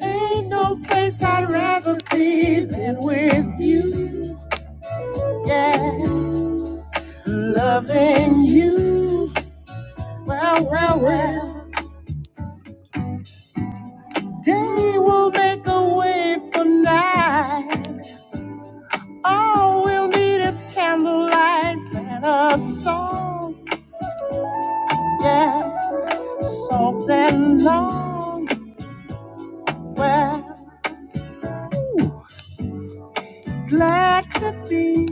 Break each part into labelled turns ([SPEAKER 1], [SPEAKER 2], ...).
[SPEAKER 1] Ain't no place I'd rather be than with you. Yeah, loving you. Well, well, well. Day will make a way for night. All we'll need is candlelight and a song. Yeah, soft and long. Well, glad to be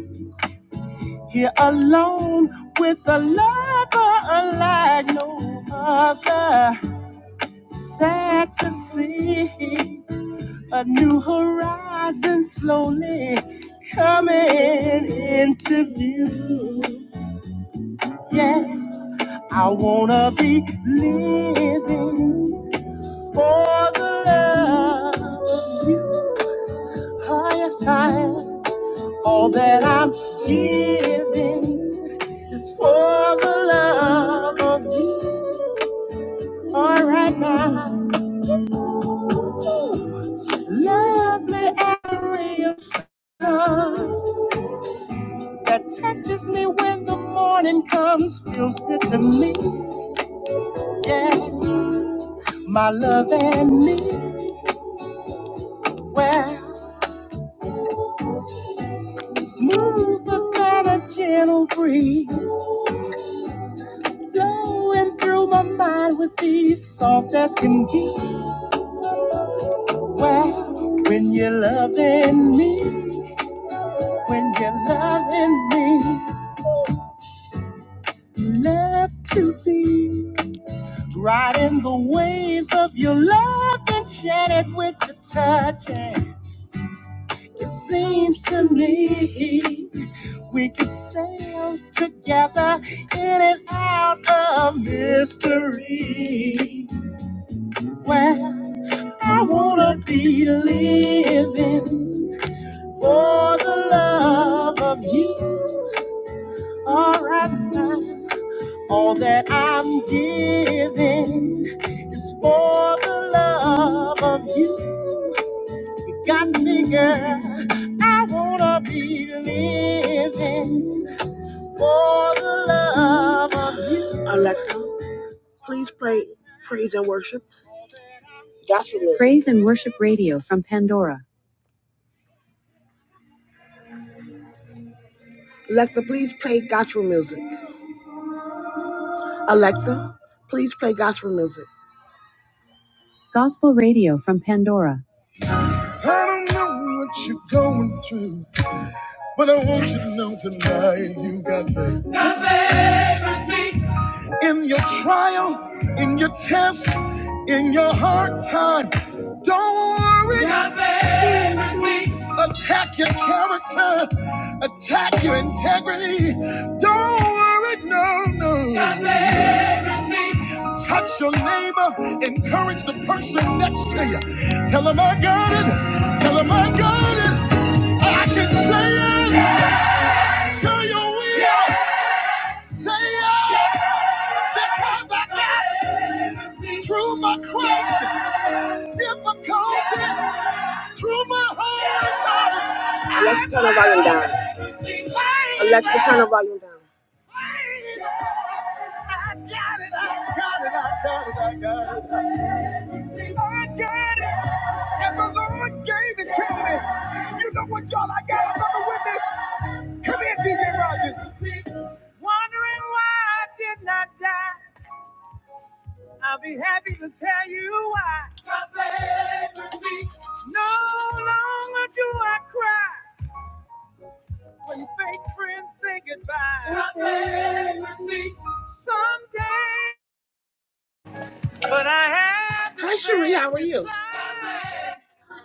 [SPEAKER 1] here alone with a lover unlike no other. Sad to see a new horizon slowly coming into view. Yeah, I wanna be living for the love of you. Oh Highest high, all that I'm giving is for the love of you. All right now. Lovely area of sun that touches me when the morning comes. Feels good to me, yeah. My love and me, well, smoother than a gentle breeze, flowing through my mind with ease, soft as can be. Well, when you're loving me, when you're loving me, love to be. Riding the waves of your love, enchanted with your touch. And it seems to me we could sail together in and out of mystery. Well, I wanna be living for the love of you. All right, now. All that I'm giving is for the love of you. You got me, girl. I wanna be living for the love of you. Praise and worship radio from Pandora. Gospel radio from Pandora. I don't know what you're going through, but I want you to know tonight you got me. In your trial, in your test, in your hard time, don't worry. Attack your character, attack your integrity. Don't worry, no, no. Touch your neighbor, encourage the person next to you. Tell them I got it, tell them I got it. I can say it, tell your. I got it, I got it. I got it, and the Lord gave it to me. You know what, y'all, I got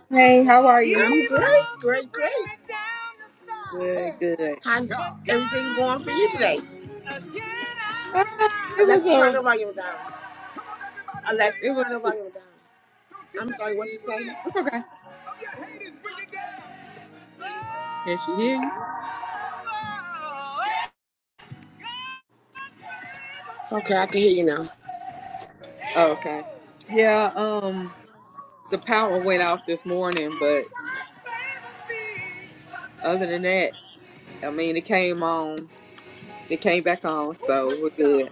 [SPEAKER 2] Hey, how are you? Good, good. Uh, it was a, it was. It's okay. Can she hear you? Okay. Yeah. Um, the power went off this morning, but other than that, I mean, it came on. It came back on, so we're good.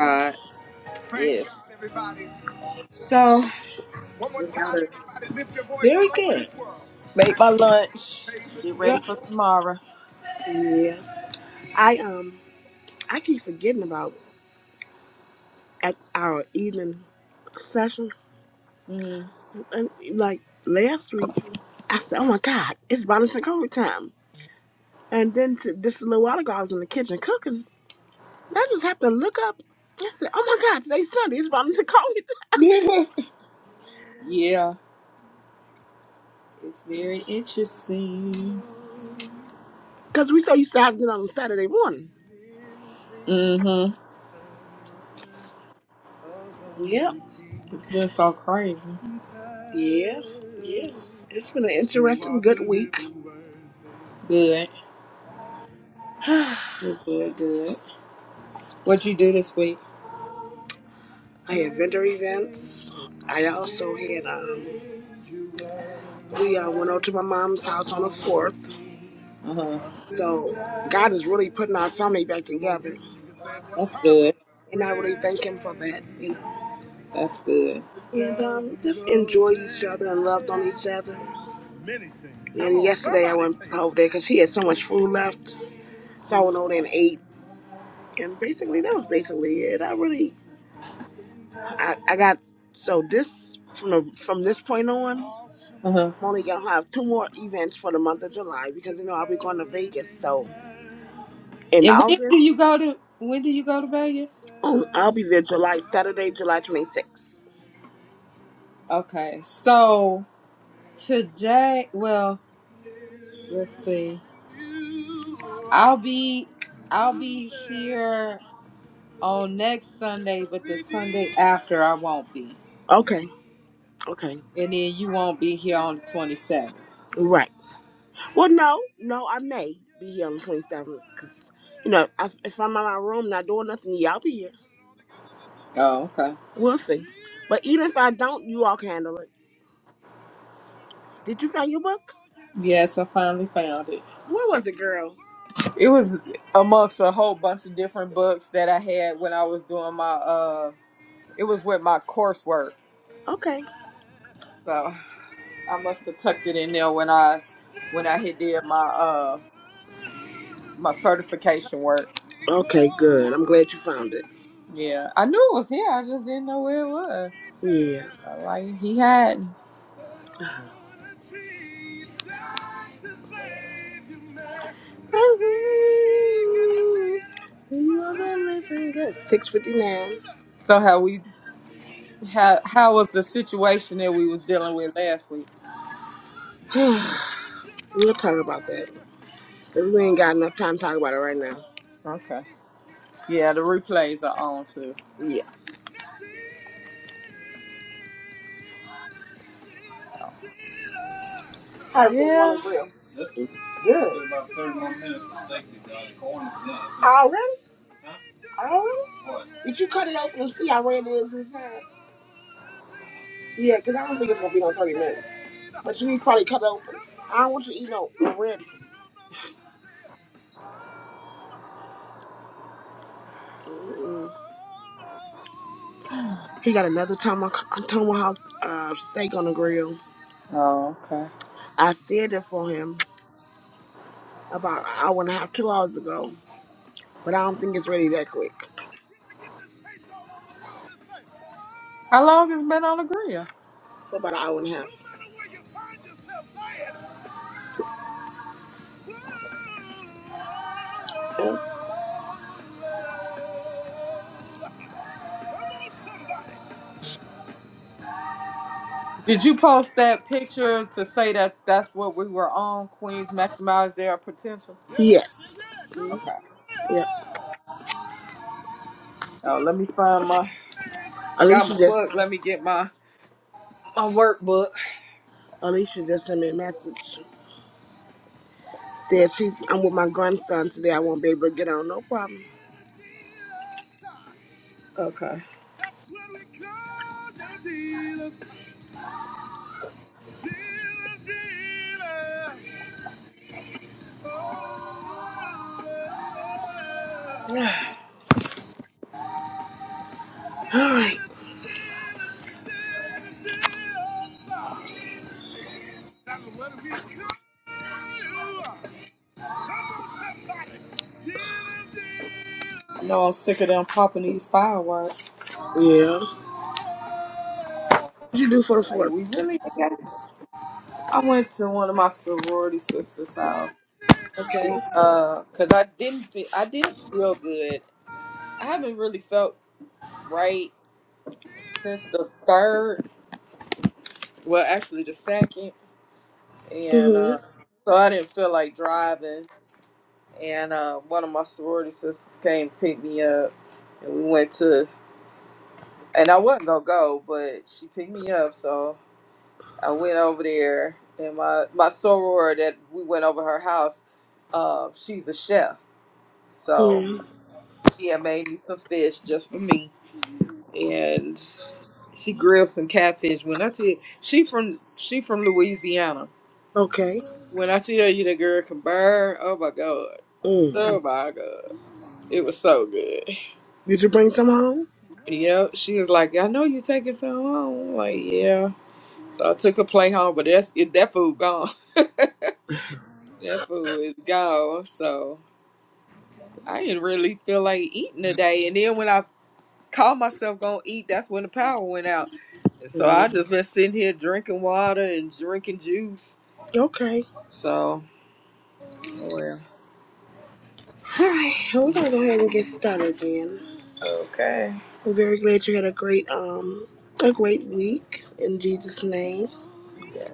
[SPEAKER 2] Uh, yes. So just gotta
[SPEAKER 1] it. Very good.
[SPEAKER 2] make my lunch. Get ready for tomorrow. Mm. yeah, it's very interesting. Mm-hmm. It's been so crazy. Good. Good, good. good. What you do this week? Uh huh. That's good. That's good. Uh huh. And when do you go to? When do you go to Vegas? Okay, so today, well, let's see. I'll be, I'll be here on next Sunday, but the Sunday after I won't be, and then you won't be here on the twenty seventh. Oh, okay. Yes, I finally found it. It was amongst a whole bunch of different books that I had when I was doing my uh It was with my coursework, so I must have tucked it in there when I when I had did my uh my certification work. Yeah, I knew it was here. I just didn't know where it was. Uh, Like he had. So how we how how was the situation that we was dealing with last week? Okay. Yeah, the replays are on too. Yeah. Oh, okay. How long has it been on the grill? Did you post that picture to say that that's what we were on? Queens maximize their potential. Okay. Oh, let me find my. I got my book. Let me get my my workbook. Okay. No, I'm sick of them popping these fireworks. Like we really. I went to one of my sorority sisters' house. She, uh, cause I didn't feel. I didn't feel good. I haven't really felt right since the third. Well, actually, the second, and uh, so I didn't feel like driving. And uh, one of my sorority sisters came to pick me up, and we went to and I wasn't gonna go, but she picked me up, so I went over there. And my my soror that we went over her house, uh, she's a chef, so she had made me some fish just for me, and she grilled some catfish. When I tell you, she from she from Louisiana. When I tell you the girl can burn, oh my god. Oh my god. It was so good. Yep. She was like, I know you taking some home. I'm like, yeah. So I took a plate home, but that's it, that food gone. That food is gone, so I didn't really feel like eating today. And then when I called myself gonna eat, that's when the power went out. And so I just been sitting here drinking water and drinking juice. So oh well. Mhm. Okay. Yes.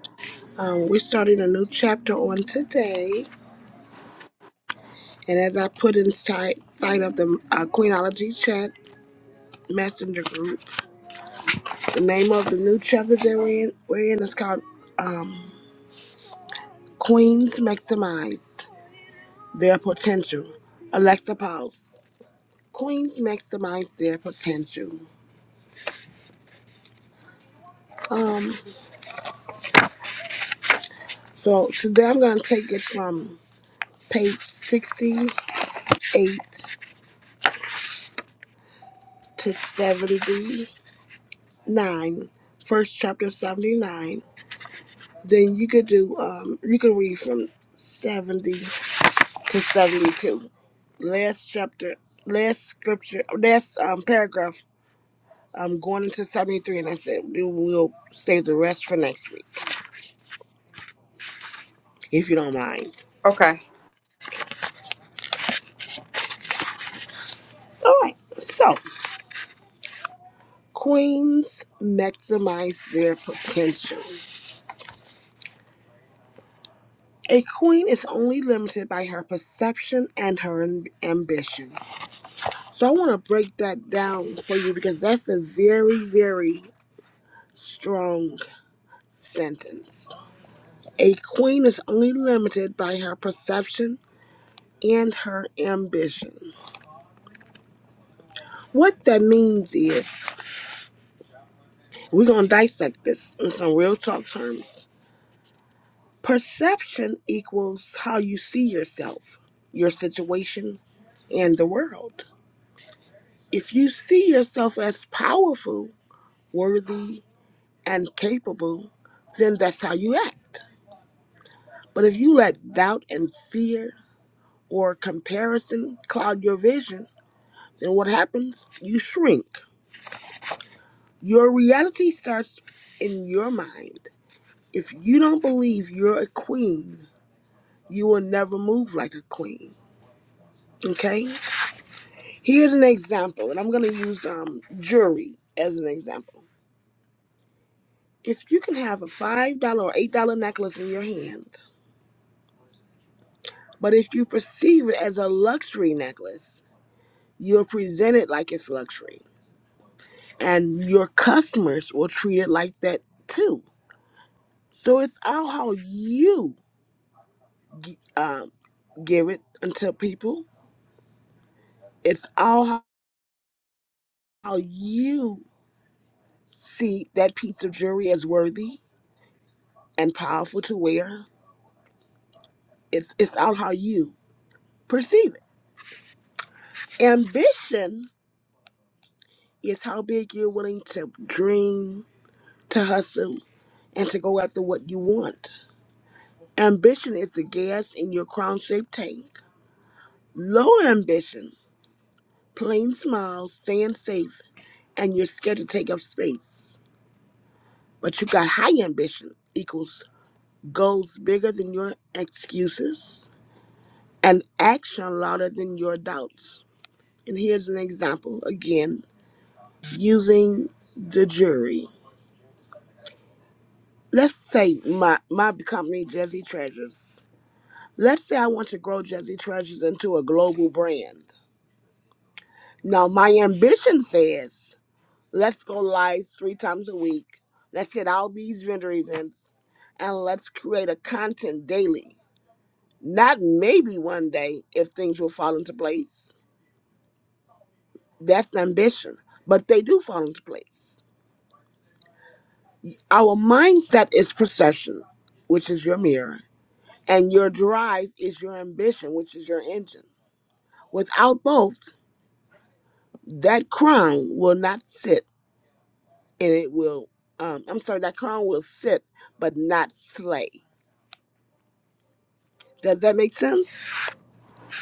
[SPEAKER 2] Okay.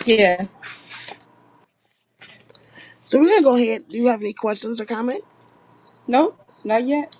[SPEAKER 2] Yes. Nope. Not yet.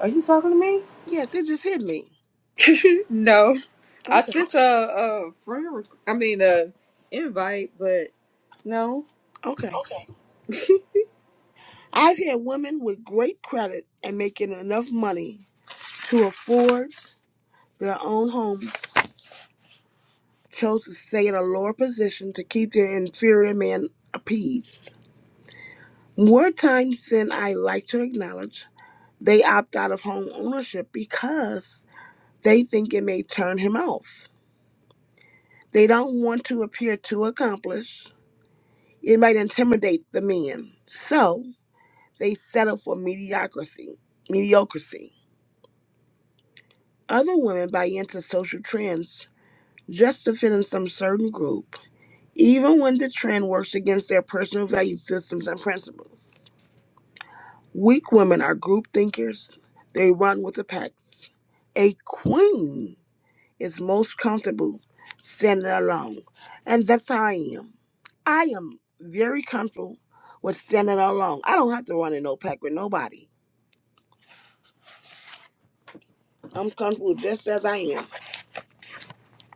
[SPEAKER 2] Are you talking to me? no. I sent a, a friend. requ- I mean a invite, but no.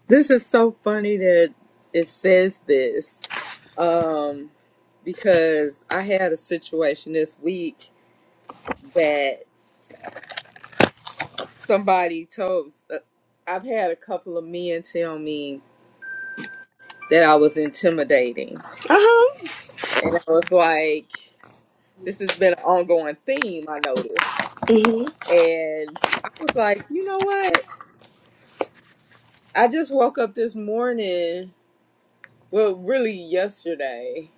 [SPEAKER 2] This is so funny that it says this. Um, because I had a situation this week that somebody told uh, I've had a couple of men tell me that I was intimidating. And I was like, this has been an ongoing theme, I noticed. And I was like, you know what? I just woke up this morning, well, really yesterday,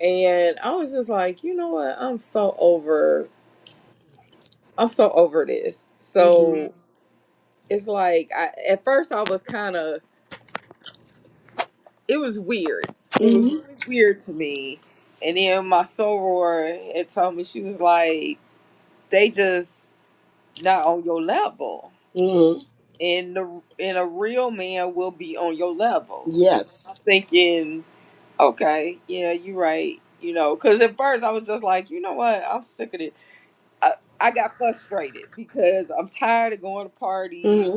[SPEAKER 2] and I was just like, you know what? I'm so over I'm so over this. So it's like I at first I was kind of it was weird. It was really weird to me. And then my soror had told me she was like they just not on your level. And the and a real man will be on your level. I'm thinking, okay, yeah, you're right. You know, because at first I was just like, you know what, I'm sick of this. I, I got frustrated because I'm tired of going to parties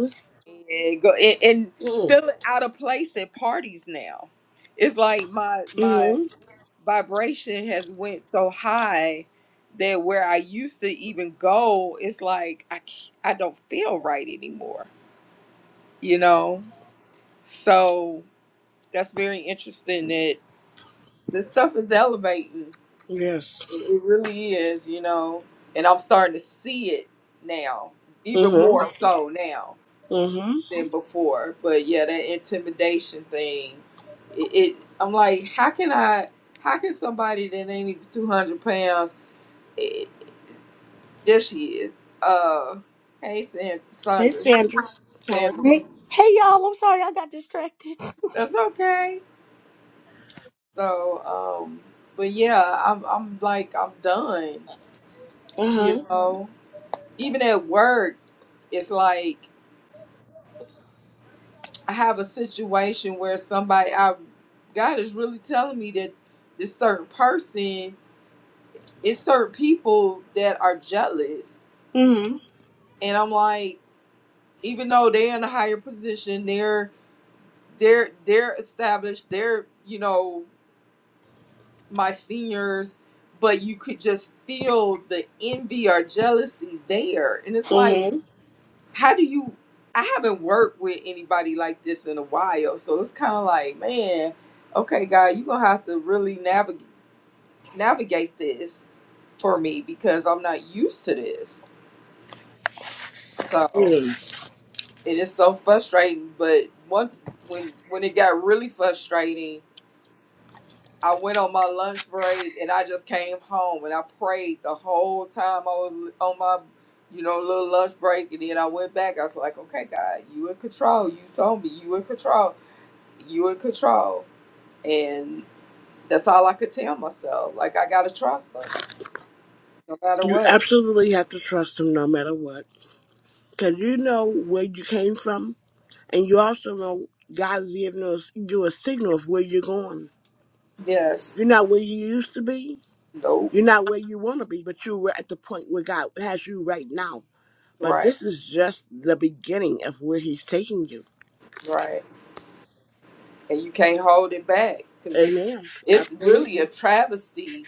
[SPEAKER 2] and go and, and feeling out of place at parties now. It's like my my vibration has went so high that where I used to even go, it's like I c- I don't feel right anymore. You know, so that's very interesting that this stuff is elevating It really is, you know. And I'm starting to see it now, even more so now than before. But yeah, that intimidation thing, it, it I'm like, how can I, how can somebody that ain't even 200 pounds, it, there she is. Uh, hey, San, Sandra, Sandra,
[SPEAKER 3] Hey, hey, y'all! I'm sorry I got distracted.
[SPEAKER 2] that's okay. So, um, but yeah, I'm, I'm like, I'm done, you know. Even at work, it's like. I have a situation where somebody I God is really telling me that this certain person it's certain people that are jealous. And I'm like, even though they're in a higher position, they're they're they're established, they're, you know, my seniors, but you could just feel the envy or jealousy there. And it's like how do you i haven't worked with anybody like this in a while so it's kind of like man okay God, you're gonna have to really navigate navigate this for me because i'm not used to this so it is so frustrating but one when when it got really frustrating i went on my lunch break and i just came home and i prayed the whole time i was on my you know little lunch break and then i went back i was like okay god you in control you told me you in control you in control. And that's all I could tell myself. Like I gotta trust them, no matter what. Yes. Nope. Right. Right. And you can't hold it back because it's it's really a travesty.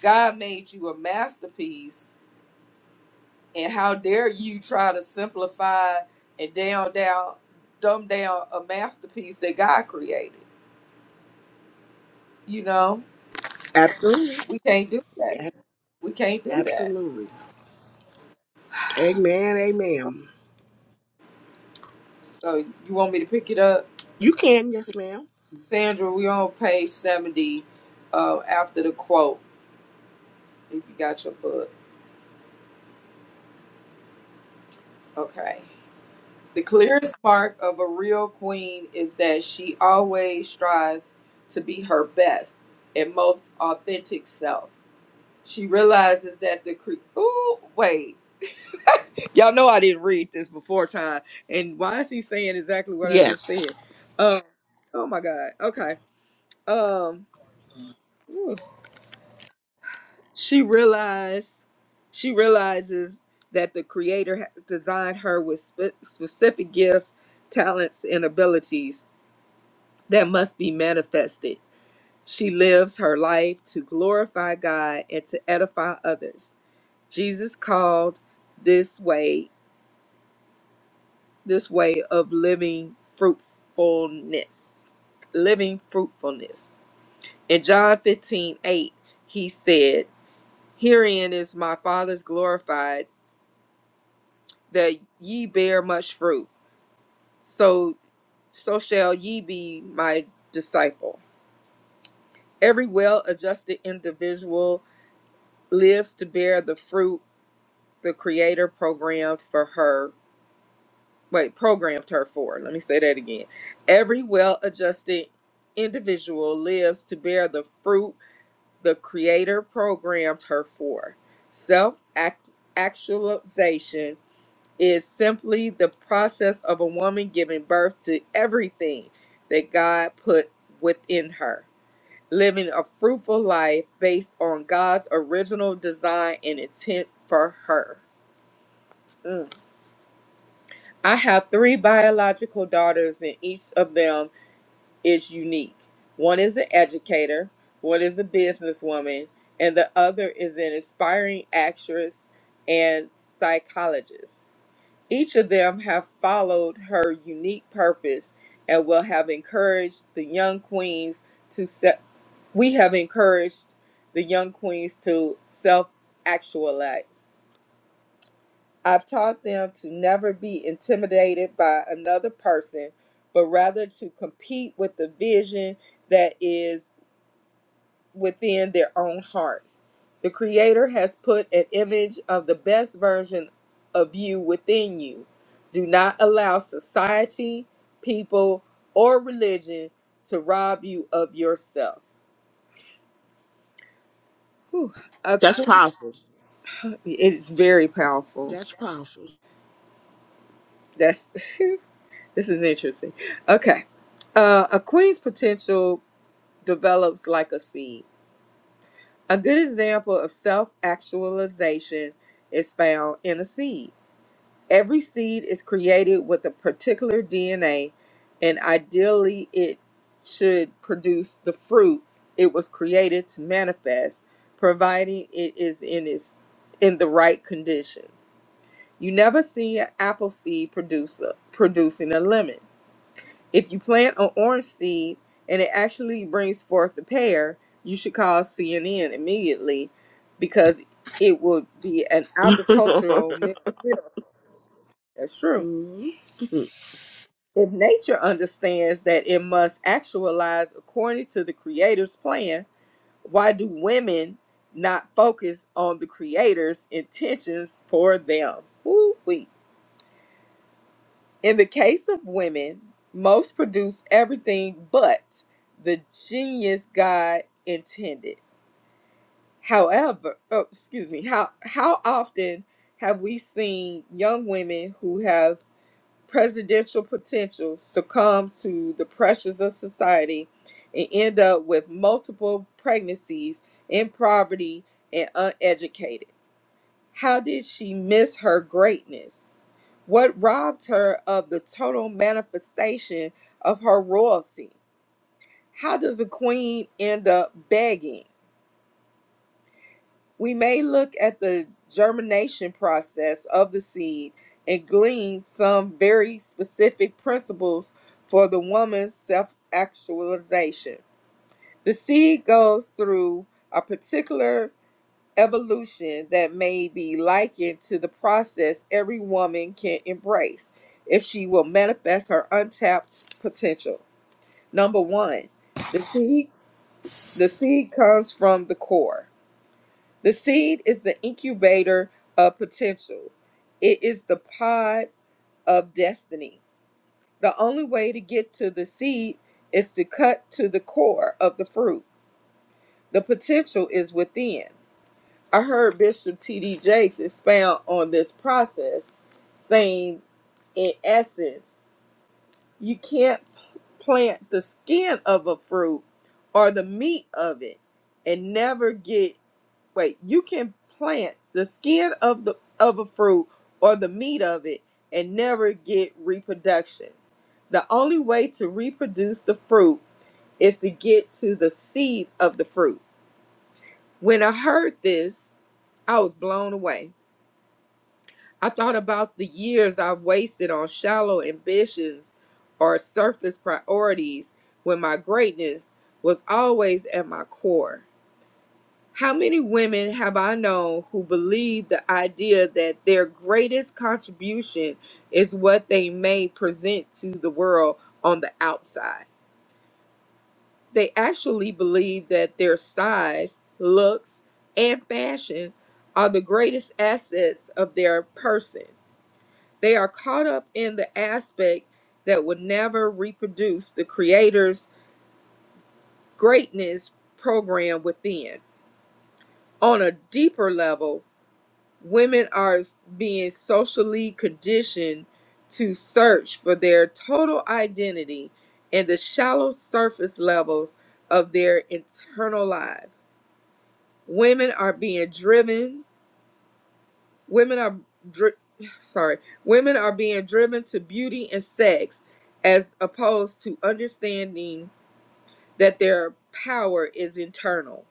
[SPEAKER 2] God made you a masterpiece, and how dare you try to simplify and down down dumb down a masterpiece that God created? You know we can't do that. We can't do that. So you want me to pick it up? Sandra, we're on page 70 uh, after the quote, if you got your book. Okay. The clearest mark of a real queen is that she always strives to be her best and most authentic self. She realizes that the cre- Ooh, wait. Y'all know I didn't read this before time. And why is he saying exactly what I just said? Uh, oh my God. Okay. Um, ooh. She realized she realizes that the creator has designed her with spe- specific gifts, talents, and abilities that must be manifested. She lives her life to glorify God and to edify others. Jesus called this way, this way of living fruitfulness. Living fruitfulness. In John 15 8, he said, Herein is my Father's glorified that ye bear much fruit, so so shall ye be my disciples. Every well-adjusted individual lives to bear the fruit the creator programmed for her. Wait, programmed her for. Let me say that again. Every well-adjusted individual lives to bear the fruit the creator programmed her for. Self actualization is simply the process of a woman giving birth to everything that God put within her, living a fruitful life based on God's original design and intent for her. Mm. I have three biological daughters, and each of them is unique. One is an educator, one is a businesswoman, and the other is an aspiring actress and psychologist. Each of them have followed her unique purpose and will have encouraged the young queens to se- we have encouraged the young queens to self-actualize. I've taught them to never be intimidated by another person, but rather to compete with the vision that is within their own hearts. The Creator has put an image of the best version of you within you. Do not allow society, people, or religion to rob you of yourself. Whew. A queen, it's very powerful. That's this is interesting. Okay, uh, a queen's potential develops like a seed. A good example of self-actualization is found in a seed. Every seed is created with a particular DNA, and ideally, it should produce the fruit it was created to manifest, providing it is in its in the right conditions. You never see an apple seed producer producing a lemon. If you plant an orange seed and it actually brings forth a pear, you should call CNN immediately because it would be an agricultural mi- miracle. That's true If nature understands that it must actualize according to the creator's plan, why do women not focus on the creator's intentions for them? Woo-wee. In the case of women, most produce everything but the genius God intended. However, oh, excuse me, how how often have we seen young women who have presidential potential succumb to the pressures of society and end up with multiple pregnancies in poverty and uneducated. How did she miss her greatness? What robbed her of the total manifestation of her royalty? How does a queen end up begging? We may look at the germination process of the seed and glean some very specific principles for the woman's self actualization. The seed goes through a particular evolution that may be likened to the process every woman can embrace if she will manifest her untapped potential. Number one, the seed, the seed comes from the core. The seed is the incubator of potential. It is the pod of destiny. The only way to get to the seed is to cut to the core of the fruit. The potential is within. I heard Bishop T.D. Jakes expound on this process, saying, in essence, you can't plant the skin of a fruit or the meat of it and never get wait, you can plant the skin of the of a fruit or the meat of it and never get reproduction. The only way to reproduce the fruit is to get to the seed of the fruit. When I heard this, I was blown away. I thought about the years I've wasted on shallow ambitions or surface priorities when my greatness was always at my core. How many women have I known who believe the idea that their greatest contribution is what they may present to the world on the outside? They actually believe that their size, looks, and fashion are the greatest assets of their person. They are caught up in the aspect that would never reproduce the Creator's greatness program within. On a deeper level, women are s- being socially conditioned to search for their total identity in the shallow surface levels of their internal lives. Women are being driven, women are dri- sorry, women are being driven to beauty and sex as opposed to understanding that their power is internal.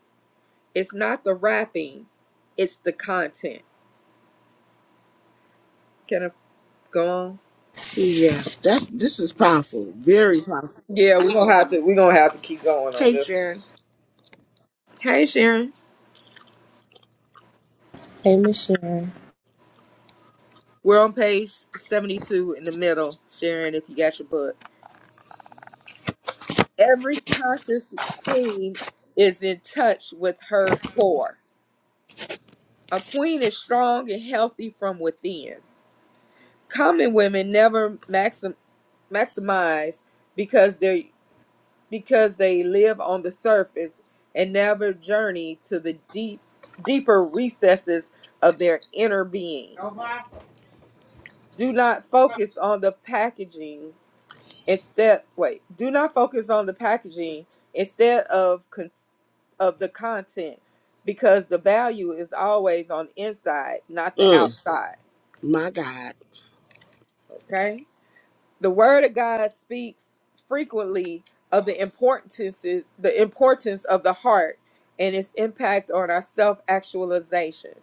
[SPEAKER 2] It's not the wrapping, it's the content. Can I go on? Yeah, we're gonna have to we're gonna have to keep going on this one. Hey Sharon.
[SPEAKER 3] Hey, Michelle.
[SPEAKER 2] We're on page seventy two in the middle, Sharon, if you got your book. Every conscious queen is in touch with her core. A queen is strong and healthy from within. Common women never maxim, maximize because they because they live on the surface and never journey to the deep deeper recesses of their inner being. do not focus on the packaging instead wait do not focus on the packaging instead of con- of the content because the value is always on the inside not the outside okay the word of god speaks frequently of the importance the importance of the heart and its impact on our self actualization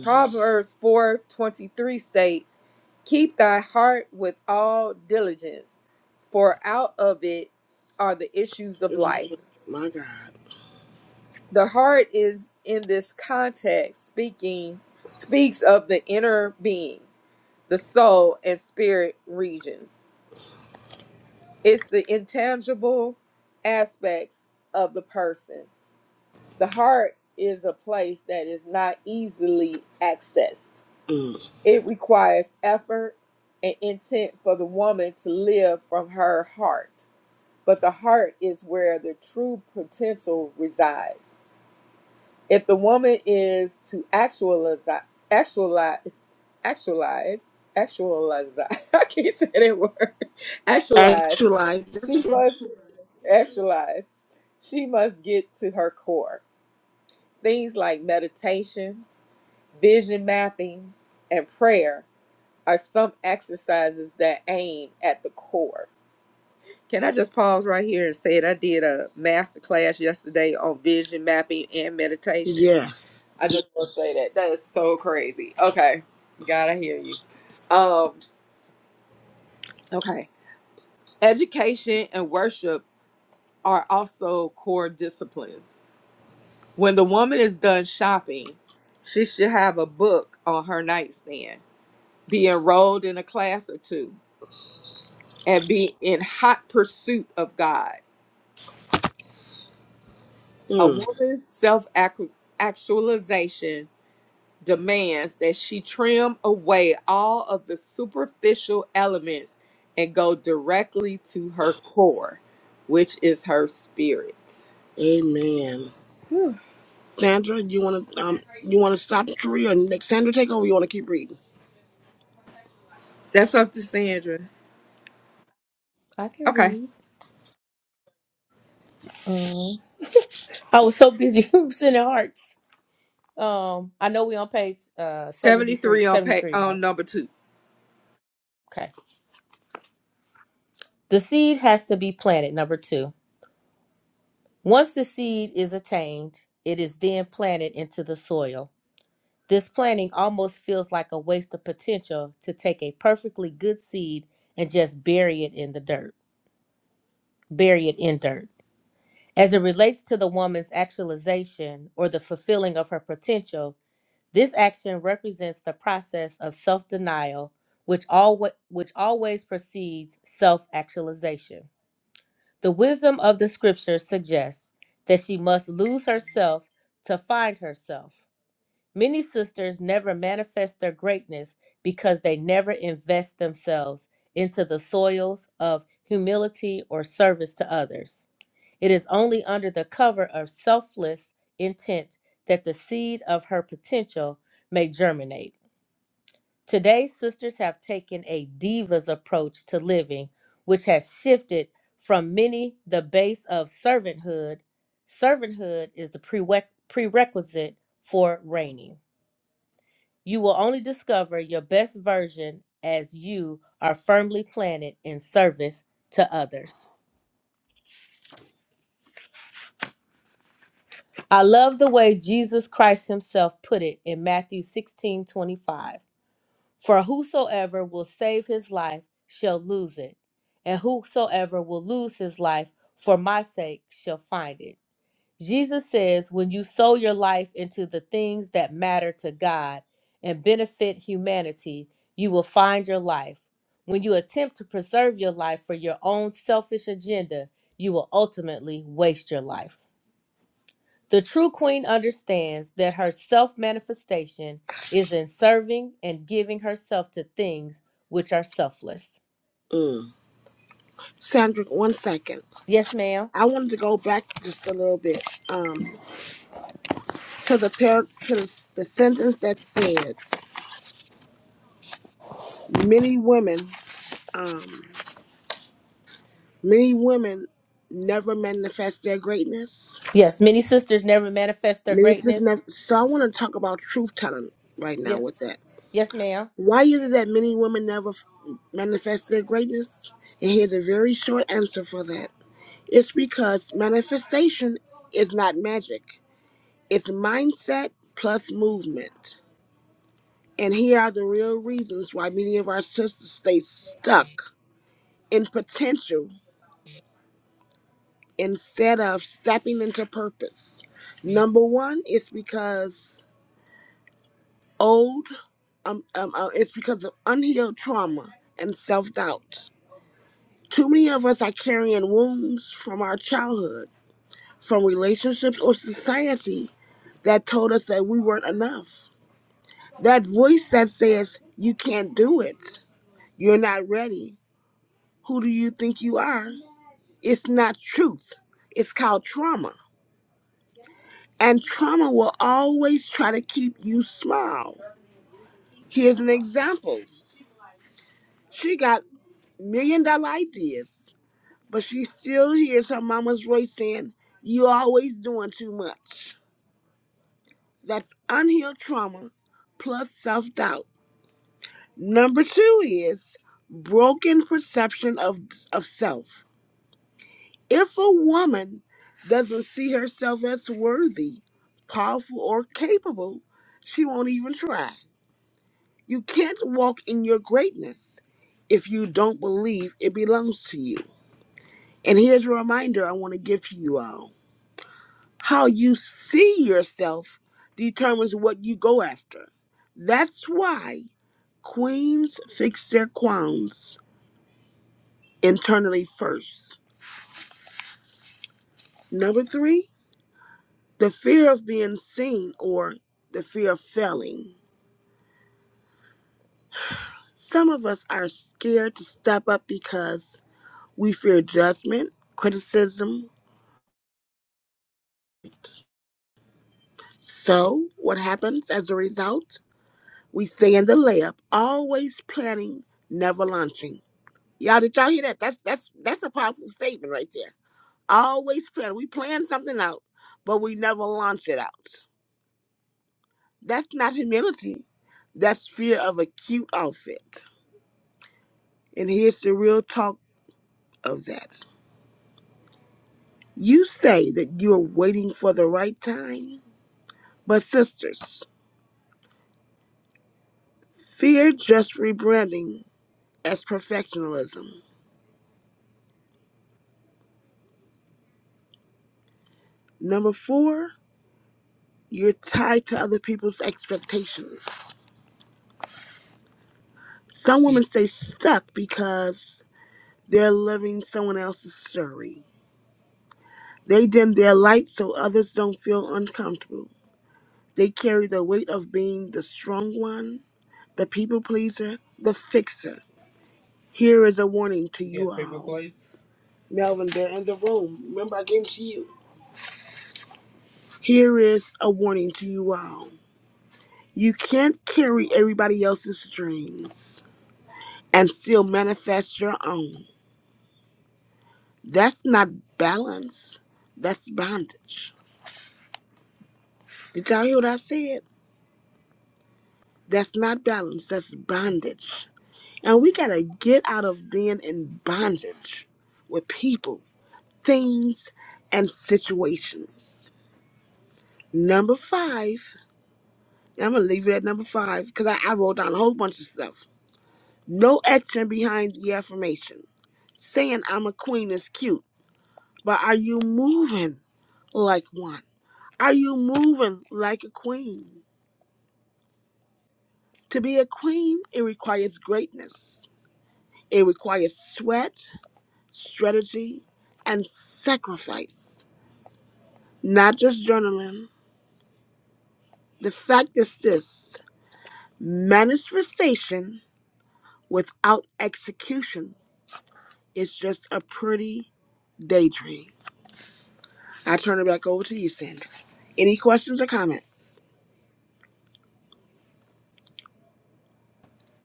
[SPEAKER 2] Proverbs 4:23 states, "Keep thy heart with all diligence, for out of it are the issues of life." The heart is in this context speaking speaks of the inner being, the soul and spirit regions. It's the intangible aspects of the person. The heart is a place that is not easily accessed It requires effort and intent for the woman to live from her heart. But the heart is where the true potential resides. If the woman is to actualize, actualize, actualize, actualize, I can't say that word, actualize, she must actualize. She must get to her core. Things like meditation, vision mapping, and prayer are some exercises that aim at the core. Can I just pause right here and say it? I did a master class yesterday on vision mapping and meditation. I just want to say that. That is so crazy. Okay. God, I hear you. Um, okay. Education and worship are also core disciplines. When the woman is done shopping, she should have a book on her nightstand, be enrolled in a class or two, and be in hot pursuit of God A woman's self actualization demands that she trim away all of the superficial elements and go directly to her core, which is her spirit. Whew. That's up to Sandra.
[SPEAKER 3] I can
[SPEAKER 2] Okay.
[SPEAKER 3] read. Um, I was so busy sending hearts. Um, I know we on page uh 73,
[SPEAKER 2] 73 on pay,
[SPEAKER 3] 73, right?
[SPEAKER 2] on number two.
[SPEAKER 3] Okay. The seed has to be planted, number two. Once the seed is attained, it is then planted into the soil. This planting almost feels like a waste of potential to take a perfectly good seed and just bury it in the dirt. Bury it in dirt. As it relates to the woman's actualization or the fulfilling of her potential, this action represents the process of self denial, which, alwa- which always precedes self actualization. The wisdom of the scripture suggests that she must lose herself to find herself. Many sisters never manifest their greatness because they never invest themselves into the soils of humility or service to others. It is only under the cover of selfless intent that the seed of her potential may germinate. Today, sisters have taken a divas approach to living, which has shifted from many the base of servanthood. Servanthood is the prereq- prerequisite for reigning. You will only discover your best version as you are firmly planted in service to others. I love the way Jesus Christ himself put it in Matthew 16 25: For whosoever will save his life shall lose it, and whosoever will lose his life for my sake shall find it. Jesus says, when you sow your life into the things that matter to God and benefit humanity, you will find your life. When you attempt to preserve your life for your own selfish agenda, you will ultimately waste your life. The true queen understands that her self manifestation is in serving and giving herself to things which are selfless. Yes, ma'am. Yes, many sisters never manifest their greatness. Yes, yes, ma'am.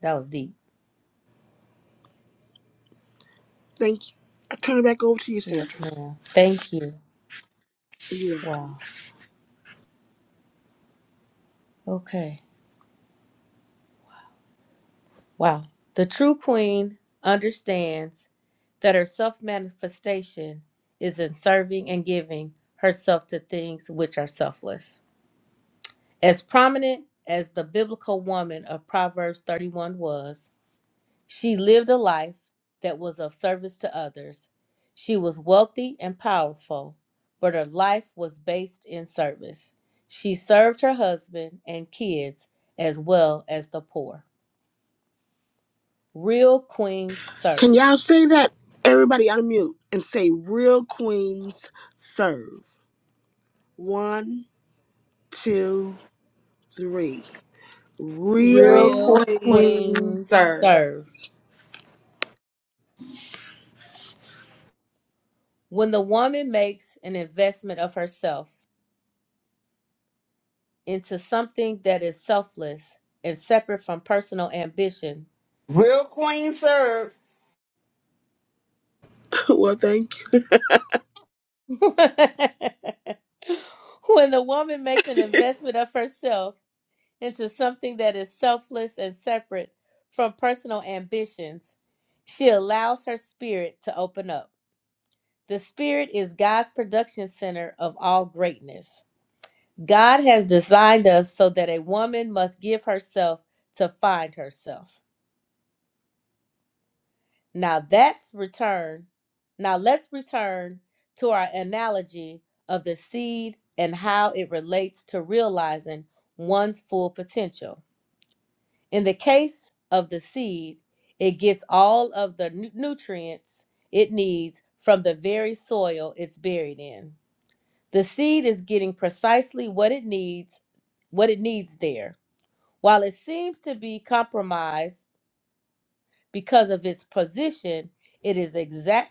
[SPEAKER 3] That was deep. Yes, ma'am. Thank you. Wow. Okay. Wow. The true queen understands that her self manifestation is in serving and giving herself to things which are selfless. As prominent as the biblical woman of Proverbs 31 was, she lived a life that was of service to others. She was wealthy and powerful, but her life was based in service. She served her husband and kids as well as the poor. Real queens serve.
[SPEAKER 2] Real
[SPEAKER 3] Real
[SPEAKER 2] queen,
[SPEAKER 3] queens
[SPEAKER 2] sir.
[SPEAKER 3] serve. When the woman makes an investment of herself, into something that is selfless and separate from personal ambition.
[SPEAKER 4] Real Queen Serve.
[SPEAKER 3] when the woman makes an investment of herself into something that is selfless and separate from personal ambitions, she allows her spirit to open up. The spirit is God's production center of all greatness. God has designed us so that a woman must give herself to find herself. Now that's return. Now let's return to our analogy of the seed and how it relates to realizing one's full potential. In the case of the seed, it gets all of the nu- nutrients it needs from the very soil it's buried in. The seed is getting precisely what it needs, what it needs there. While it seems to be compromised because of its position, it is exact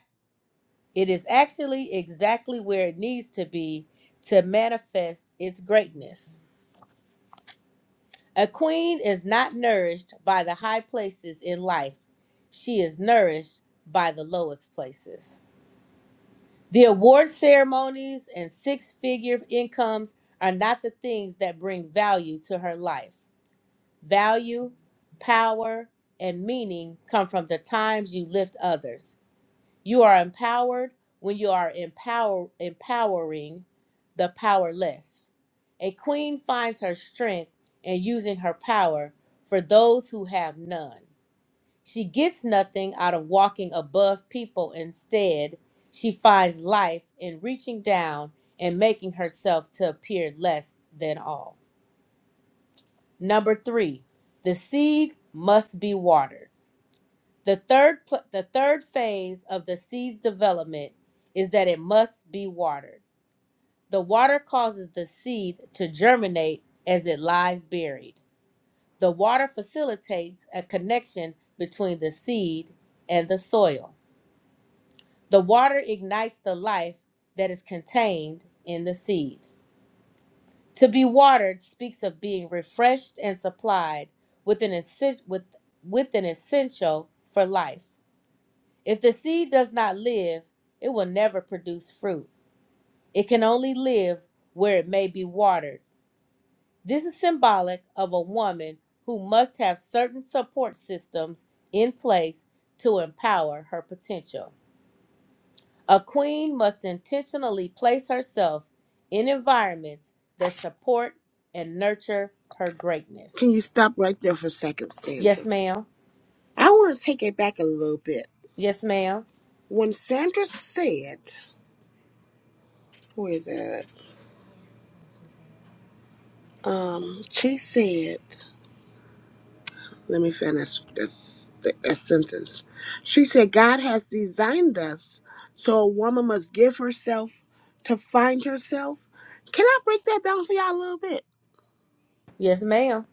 [SPEAKER 3] It is actually exactly where it needs to be to manifest its greatness. A queen is not nourished by the high places in life, she is nourished by the lowest places. The award ceremonies and six figure incomes are not the things that bring value to her life. Value, power, and meaning come from the times you lift others. You are empowered when you are empower, empowering the powerless. A queen finds her strength in using her power for those who have none. She gets nothing out of walking above people. Instead, she finds life in reaching down and making herself to appear less than all. Number three, the seed must be watered. The third pl- the third phase of the seed's development is that it must be watered. The water causes the seed to germinate as it lies buried. The water facilitates a connection between the seed and the soil. The water ignites the life that is contained in the seed. To be watered speaks of being refreshed and supplied with an, essen- with, with an essential for life. If the seed does not live, it will never produce fruit. It can only live where it may be watered. This is symbolic of a woman who must have certain support systems in place to empower her potential. A queen must intentionally place herself in environments that support and nurture her greatness. Yes, ma'am. Yes, ma'am. Yes, ma'am.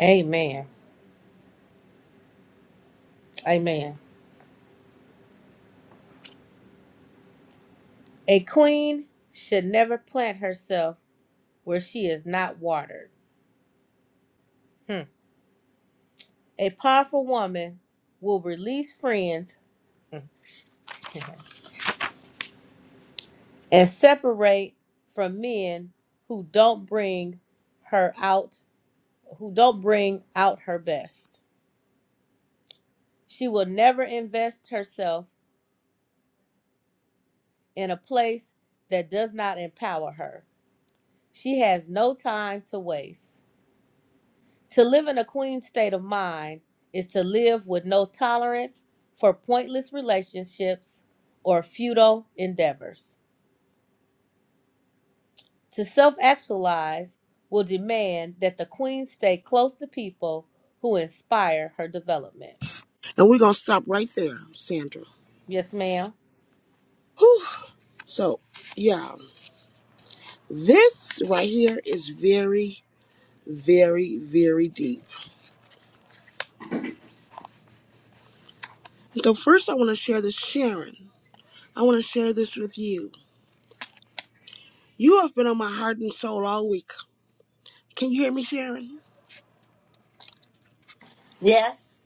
[SPEAKER 3] Amen. Amen. A queen should never plant herself where she is not watered. Hmm. A powerful woman will release friends and separate from men who don't bring her out, who don't bring out her best. She will never invest herself in a place that does not empower her. She has no time to waste. To live in a queen state of mind is to live with no tolerance for pointless relationships or futile endeavors. To self actualize will demand that the queen stay close to people who inspire her development. Yes, ma'am.
[SPEAKER 4] Yes.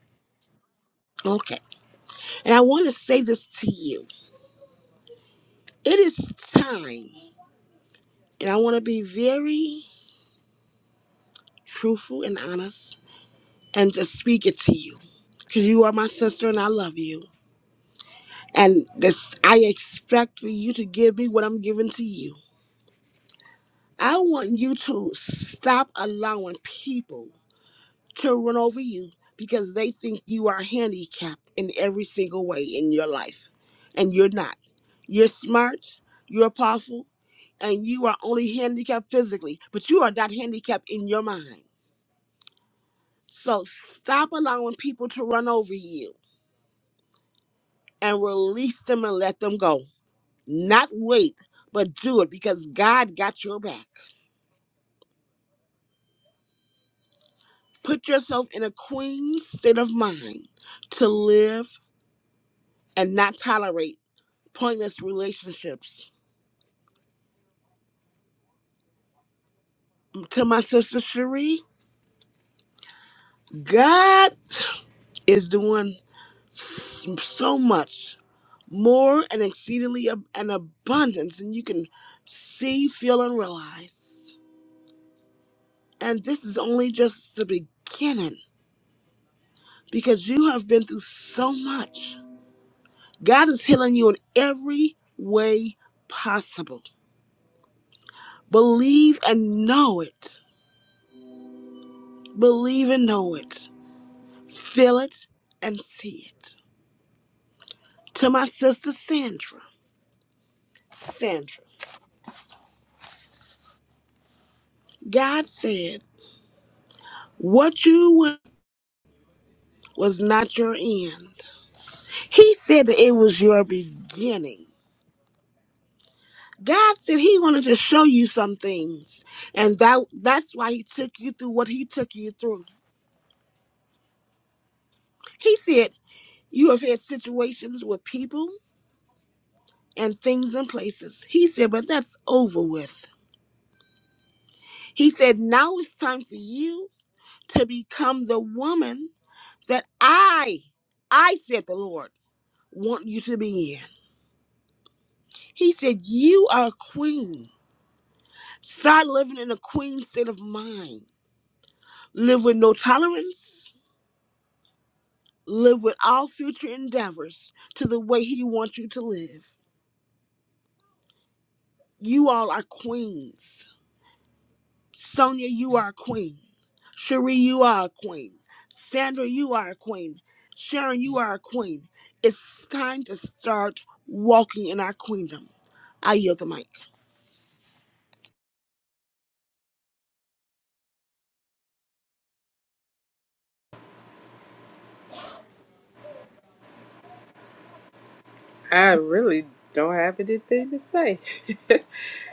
[SPEAKER 2] I really don't have anything to say.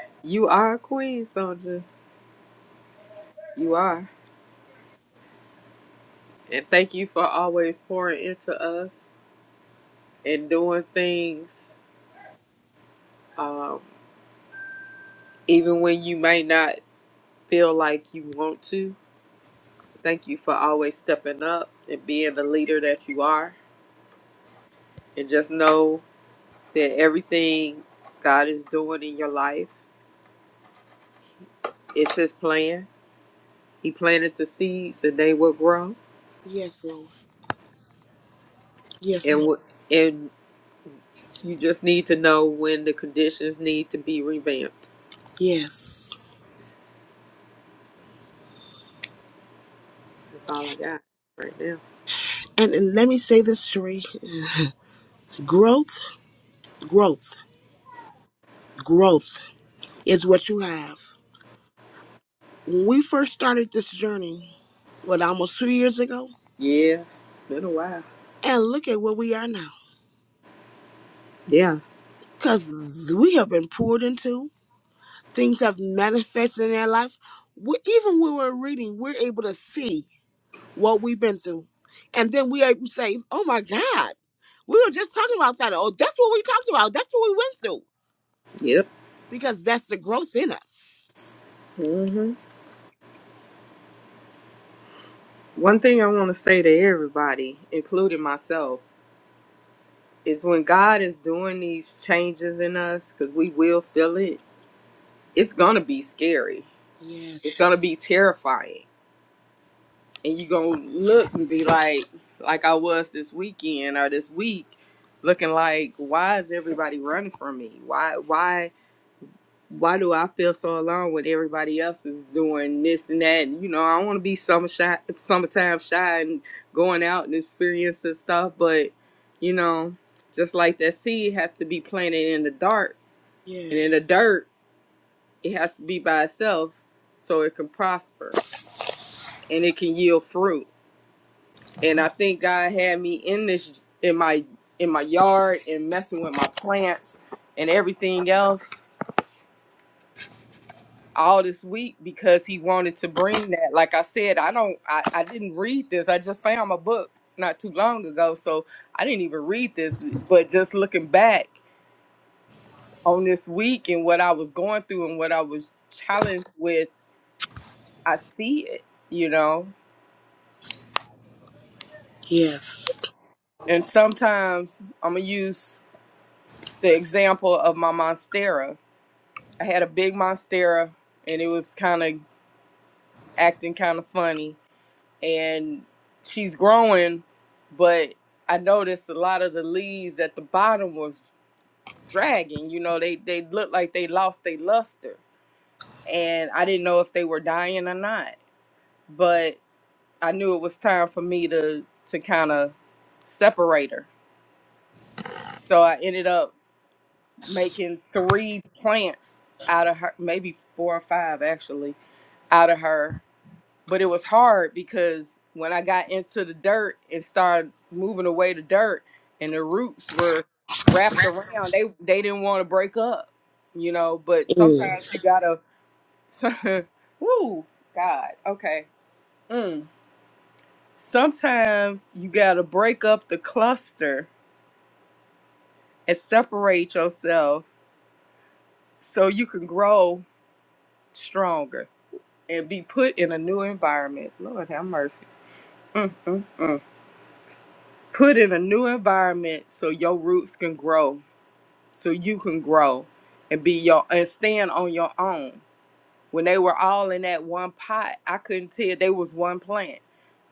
[SPEAKER 2] you are a queen, Sandra. You are. And thank you for always pouring into us. and doing things, um, even when you may not feel like you want to. Thank you for always stepping up and being the leader that you are. And just know that everything God is doing in your life, it's His plan. He planted the seeds and they will grow. And, w- and you just need to know when the conditions need to be revamped. That's all I got right now. Yeah, it's been a while. Yeah, yep. Mhm. One thing I want to say to everybody, including myself, is when God is doing these changes in us, because we will feel it, it's going to be scary. It's going to be terrifying. And you're going to look and be like, like I was this weekend or this week, looking like, why is everybody running from me? Why, why? why do I feel so alone when everybody else is doing this and that? You know, I want to be summer shy, summertime shy and going out and experiencing stuff, but you know, just like that seed has to be planted in the dark and in the dirt, it has to be by itself so it can prosper and it can yield fruit. And I think God had me in this in my in my yard and messing with my plants and everything else all this week because he wanted to bring that. Like I said, I don't, I, I didn't read this. I just found my book not too long ago, so I didn't even read this. But just looking back on this week and what I was going through and what I was challenged with, I see it, you know. And sometimes I'm gonna use the example of my monstera. I had a big monstera, and it was kind of acting kind of funny and she's growing, but I noticed a lot of the leaves at the bottom was dragging. You know, they they looked like they lost their luster, and I didn't know if they were dying or not. But I knew it was time for me to to kind of separate her. So I ended up making three plants out of her, maybe four or five actually, out of her but it was hard because when I got into the dirt and started moving away the dirt and the roots were wrapped around, they they didn't want to break up, you know. But sometimes you gotta, woo, God, okay. Mm. Sometimes you gotta break up the cluster and separate yourself so you can grow stronger and be put in a new environment. Lord have mercy. Mm, mm, mm. put in a new environment so your roots can grow, so you can grow and be your and stand on your own. When they were all in that one pot, I couldn't tell they was one plant,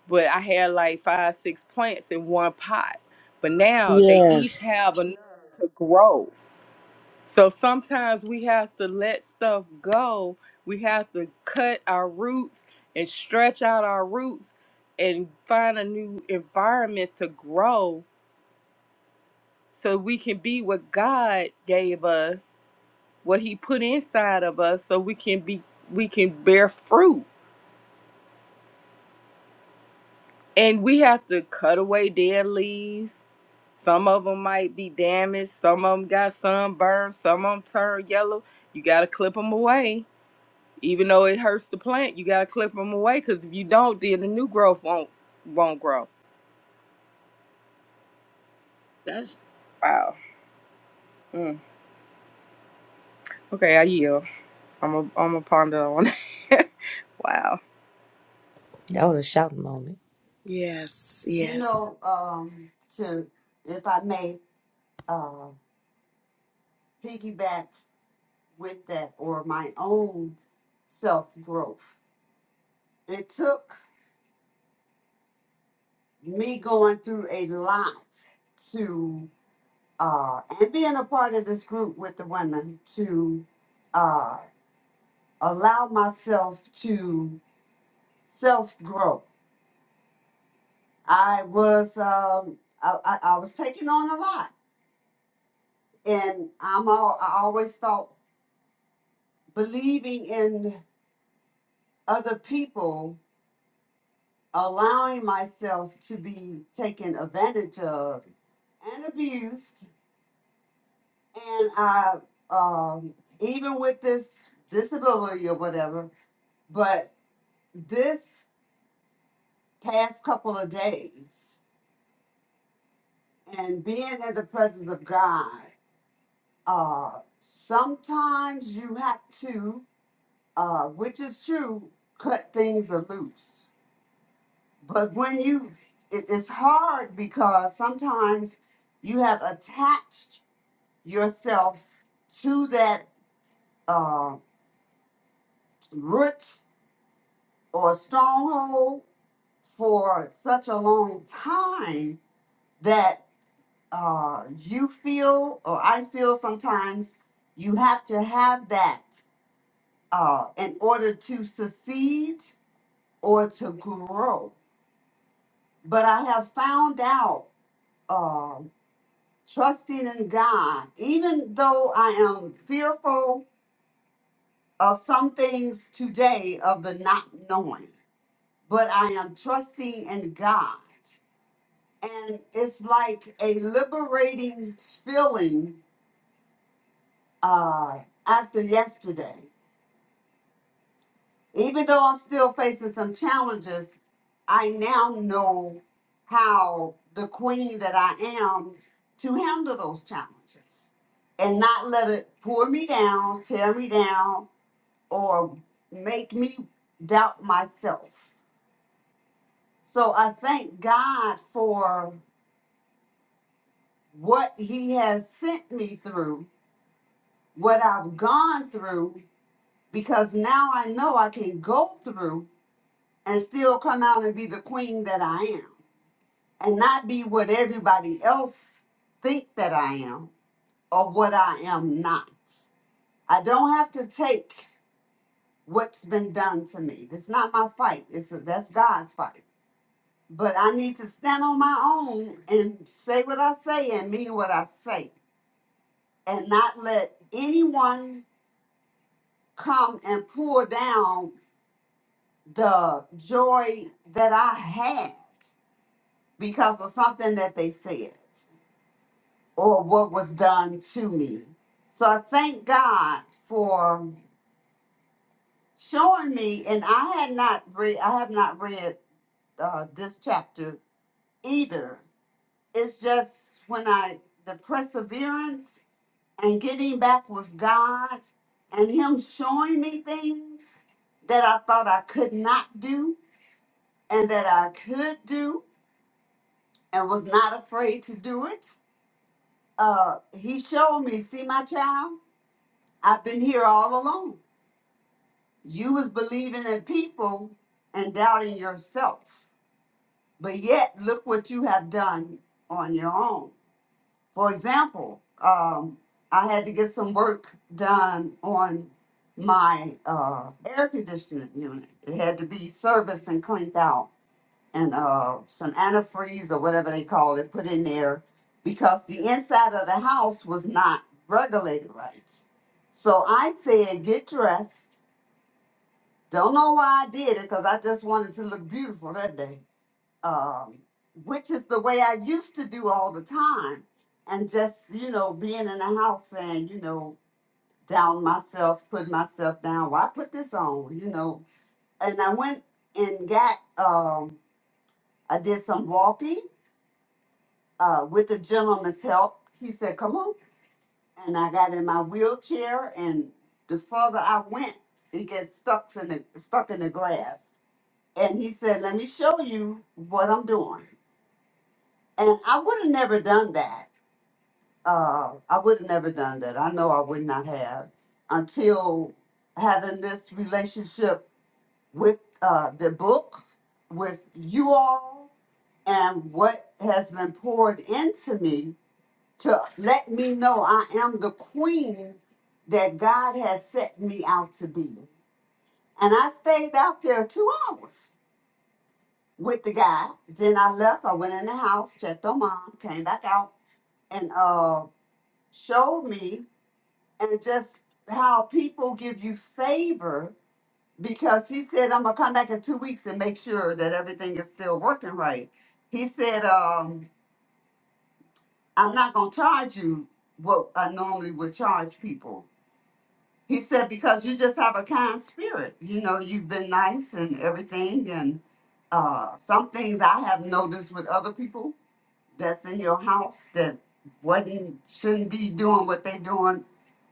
[SPEAKER 2] but I had like five, six plants in one pot. But now they each have enough to grow. So sometimes we have to let stuff go. We have to cut our roots and stretch out our roots and find a new environment to grow so we can be what God gave us, what He put inside of us, so we can be we can bear fruit. And we have to cut away dead leaves. Some of them might be damaged. Some of them got sunburned. Some of them turned yellow. You got to clip them away. Even though it hurts the plant, you got to clip them away because if you don't, then the new growth won't won't grow. That's wow. Mm. Okay, I yield. I'm a I'm a ponder on. that. wow.
[SPEAKER 3] That was a shouting moment.
[SPEAKER 4] You know, um, to if I may uh piggyback with that or my own self growth. It took me going through a lot to uh and being a part of this group with the women to uh allow myself to self grow. I was um I, I, I was taking on a lot and I'm all I always thought believing in other people, allowing myself to be taken advantage of and abused, and I um, even with this disability or whatever, but this past couple of days and being in the presence of God, uh, sometimes you have to, uh, which is true, cut things loose But when you, it, it's hard because sometimes you have attached yourself to that uh, root or stronghold for such a long time that uh, you feel, or I feel sometimes, you have to have that uh, in order to succeed or to grow. But I have found out uh, trusting in God, even though I am fearful of some things today of the not knowing, but I am trusting in God. And it's like a liberating feeling uh, after yesterday. Even though I'm still facing some challenges, I now know how the queen that I am to handle those challenges and not let it pour me down, tear me down, or make me doubt myself. So I thank God for what He has sent me through, what I've gone through, because now I know I can go through and still come out and be the queen that I am. and not be what everybody else think that I am or what I am not. I don't have to take what's been done to me. That's not my fight. It's that's God's fight. But I need to stand on my own and say what I say and mean what I say, and not let anyone come and pull down the joy that I had because of something that they said. or what was done to me. So I thank God for showing me, and I had not read, I have not read uh, this chapter either. It's just when I the perseverance and getting back with God and Him showing me things that I thought I could not do and that I could do and was not afraid to do it. Uh, he showed me, see my child, I've been here all along You was believing in people and doubting yourself. But yet, look what you have done on your own. For example, um, I had to get some work done on my uh, air conditioning unit. It had to be serviced and cleaned out, and uh, some antifreeze or whatever they call it put in there because the inside of the house was not regulated right. So I said, get dressed don't know why I did it because I just wanted to look beautiful that day, um, which is the way I used to do all the time. And just, you know, being in the house and, you know, down myself, put myself down. Why put this on, you know? And I went and got, um, I did some walking uh, with the gentleman's help. He said, come on. And I got in my wheelchair. And the further I went, it gets stuck in the, stuck in the grass and he said, "Let me show you what I'm doing." And I would have never done that. Uh, I would have never done that. I know I would not have until having this relationship with uh, the book, with you all, and what has been poured into me to let me know I am the queen that God has set me out to be. And I stayed out there two hours with the guy. Then I left. I went in the house, checked on mom, came back out, and uh, showed me and just how people give you favor because he said I'm gonna come back in two weeks and make sure that everything is still working right. He said um, I'm not gonna charge you what I normally would charge people. He said because you just have a kind spirit. You know, you've been nice and everything, and uh, some things I have noticed with other people that's in your house that wasn't shouldn't be doing what they doing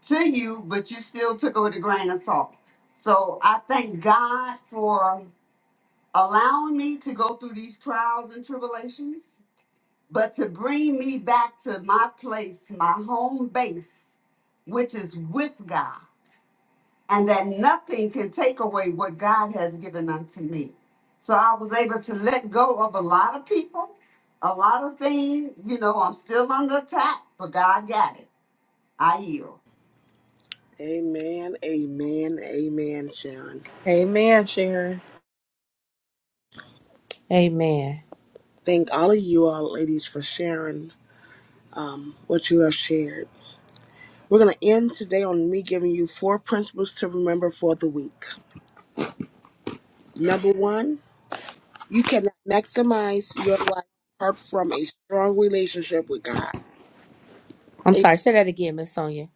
[SPEAKER 4] to you, but you still took it with a grain of salt. So I thank God for allowing me to go through these trials and tribulations, but to bring me back to my place, my home base, which is with God and that nothing can take away what God has given unto me. So I was able to let go of a lot of people, a lot of things. You know, I'm still under attack, but God got it. I yield.
[SPEAKER 2] Amen, Sharon.
[SPEAKER 3] Amen. I'm sorry, say that again, Miss Sonia.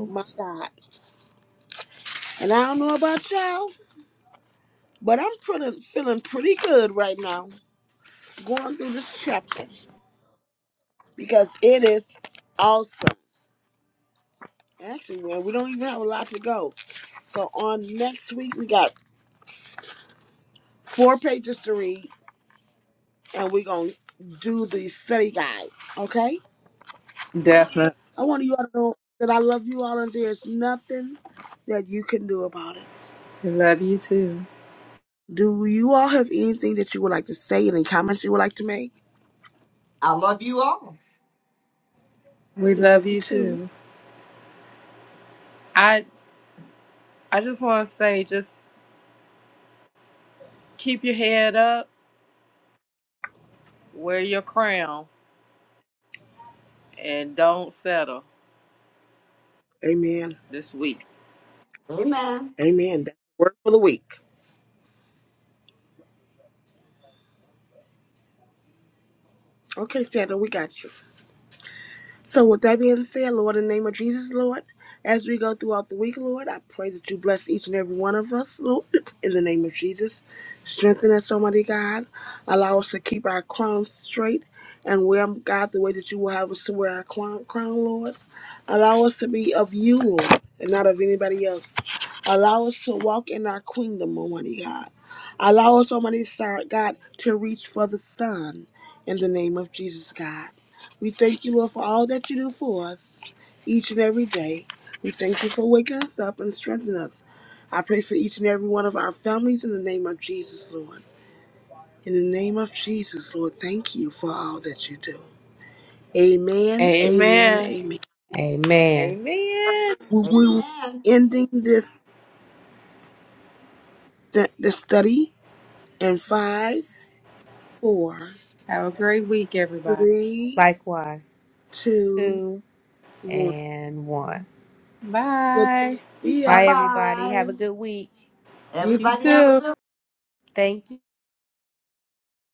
[SPEAKER 3] Oops.
[SPEAKER 2] Definitely. We love you too.
[SPEAKER 4] I love you all.
[SPEAKER 2] We love you too. I I just want to say just keep your head up, wear your crown, and don't settle this week.
[SPEAKER 4] Amen.
[SPEAKER 2] Amen.
[SPEAKER 3] Amen.
[SPEAKER 2] Amen.
[SPEAKER 4] Amen.
[SPEAKER 2] Have a great week, everybody.
[SPEAKER 3] Likewise. Two and one.
[SPEAKER 2] Bye.
[SPEAKER 4] Bye
[SPEAKER 3] Bye, everybody. Have
[SPEAKER 4] bye.
[SPEAKER 3] a good week.
[SPEAKER 2] You
[SPEAKER 4] Everybody have a good
[SPEAKER 2] too.
[SPEAKER 3] Thank you.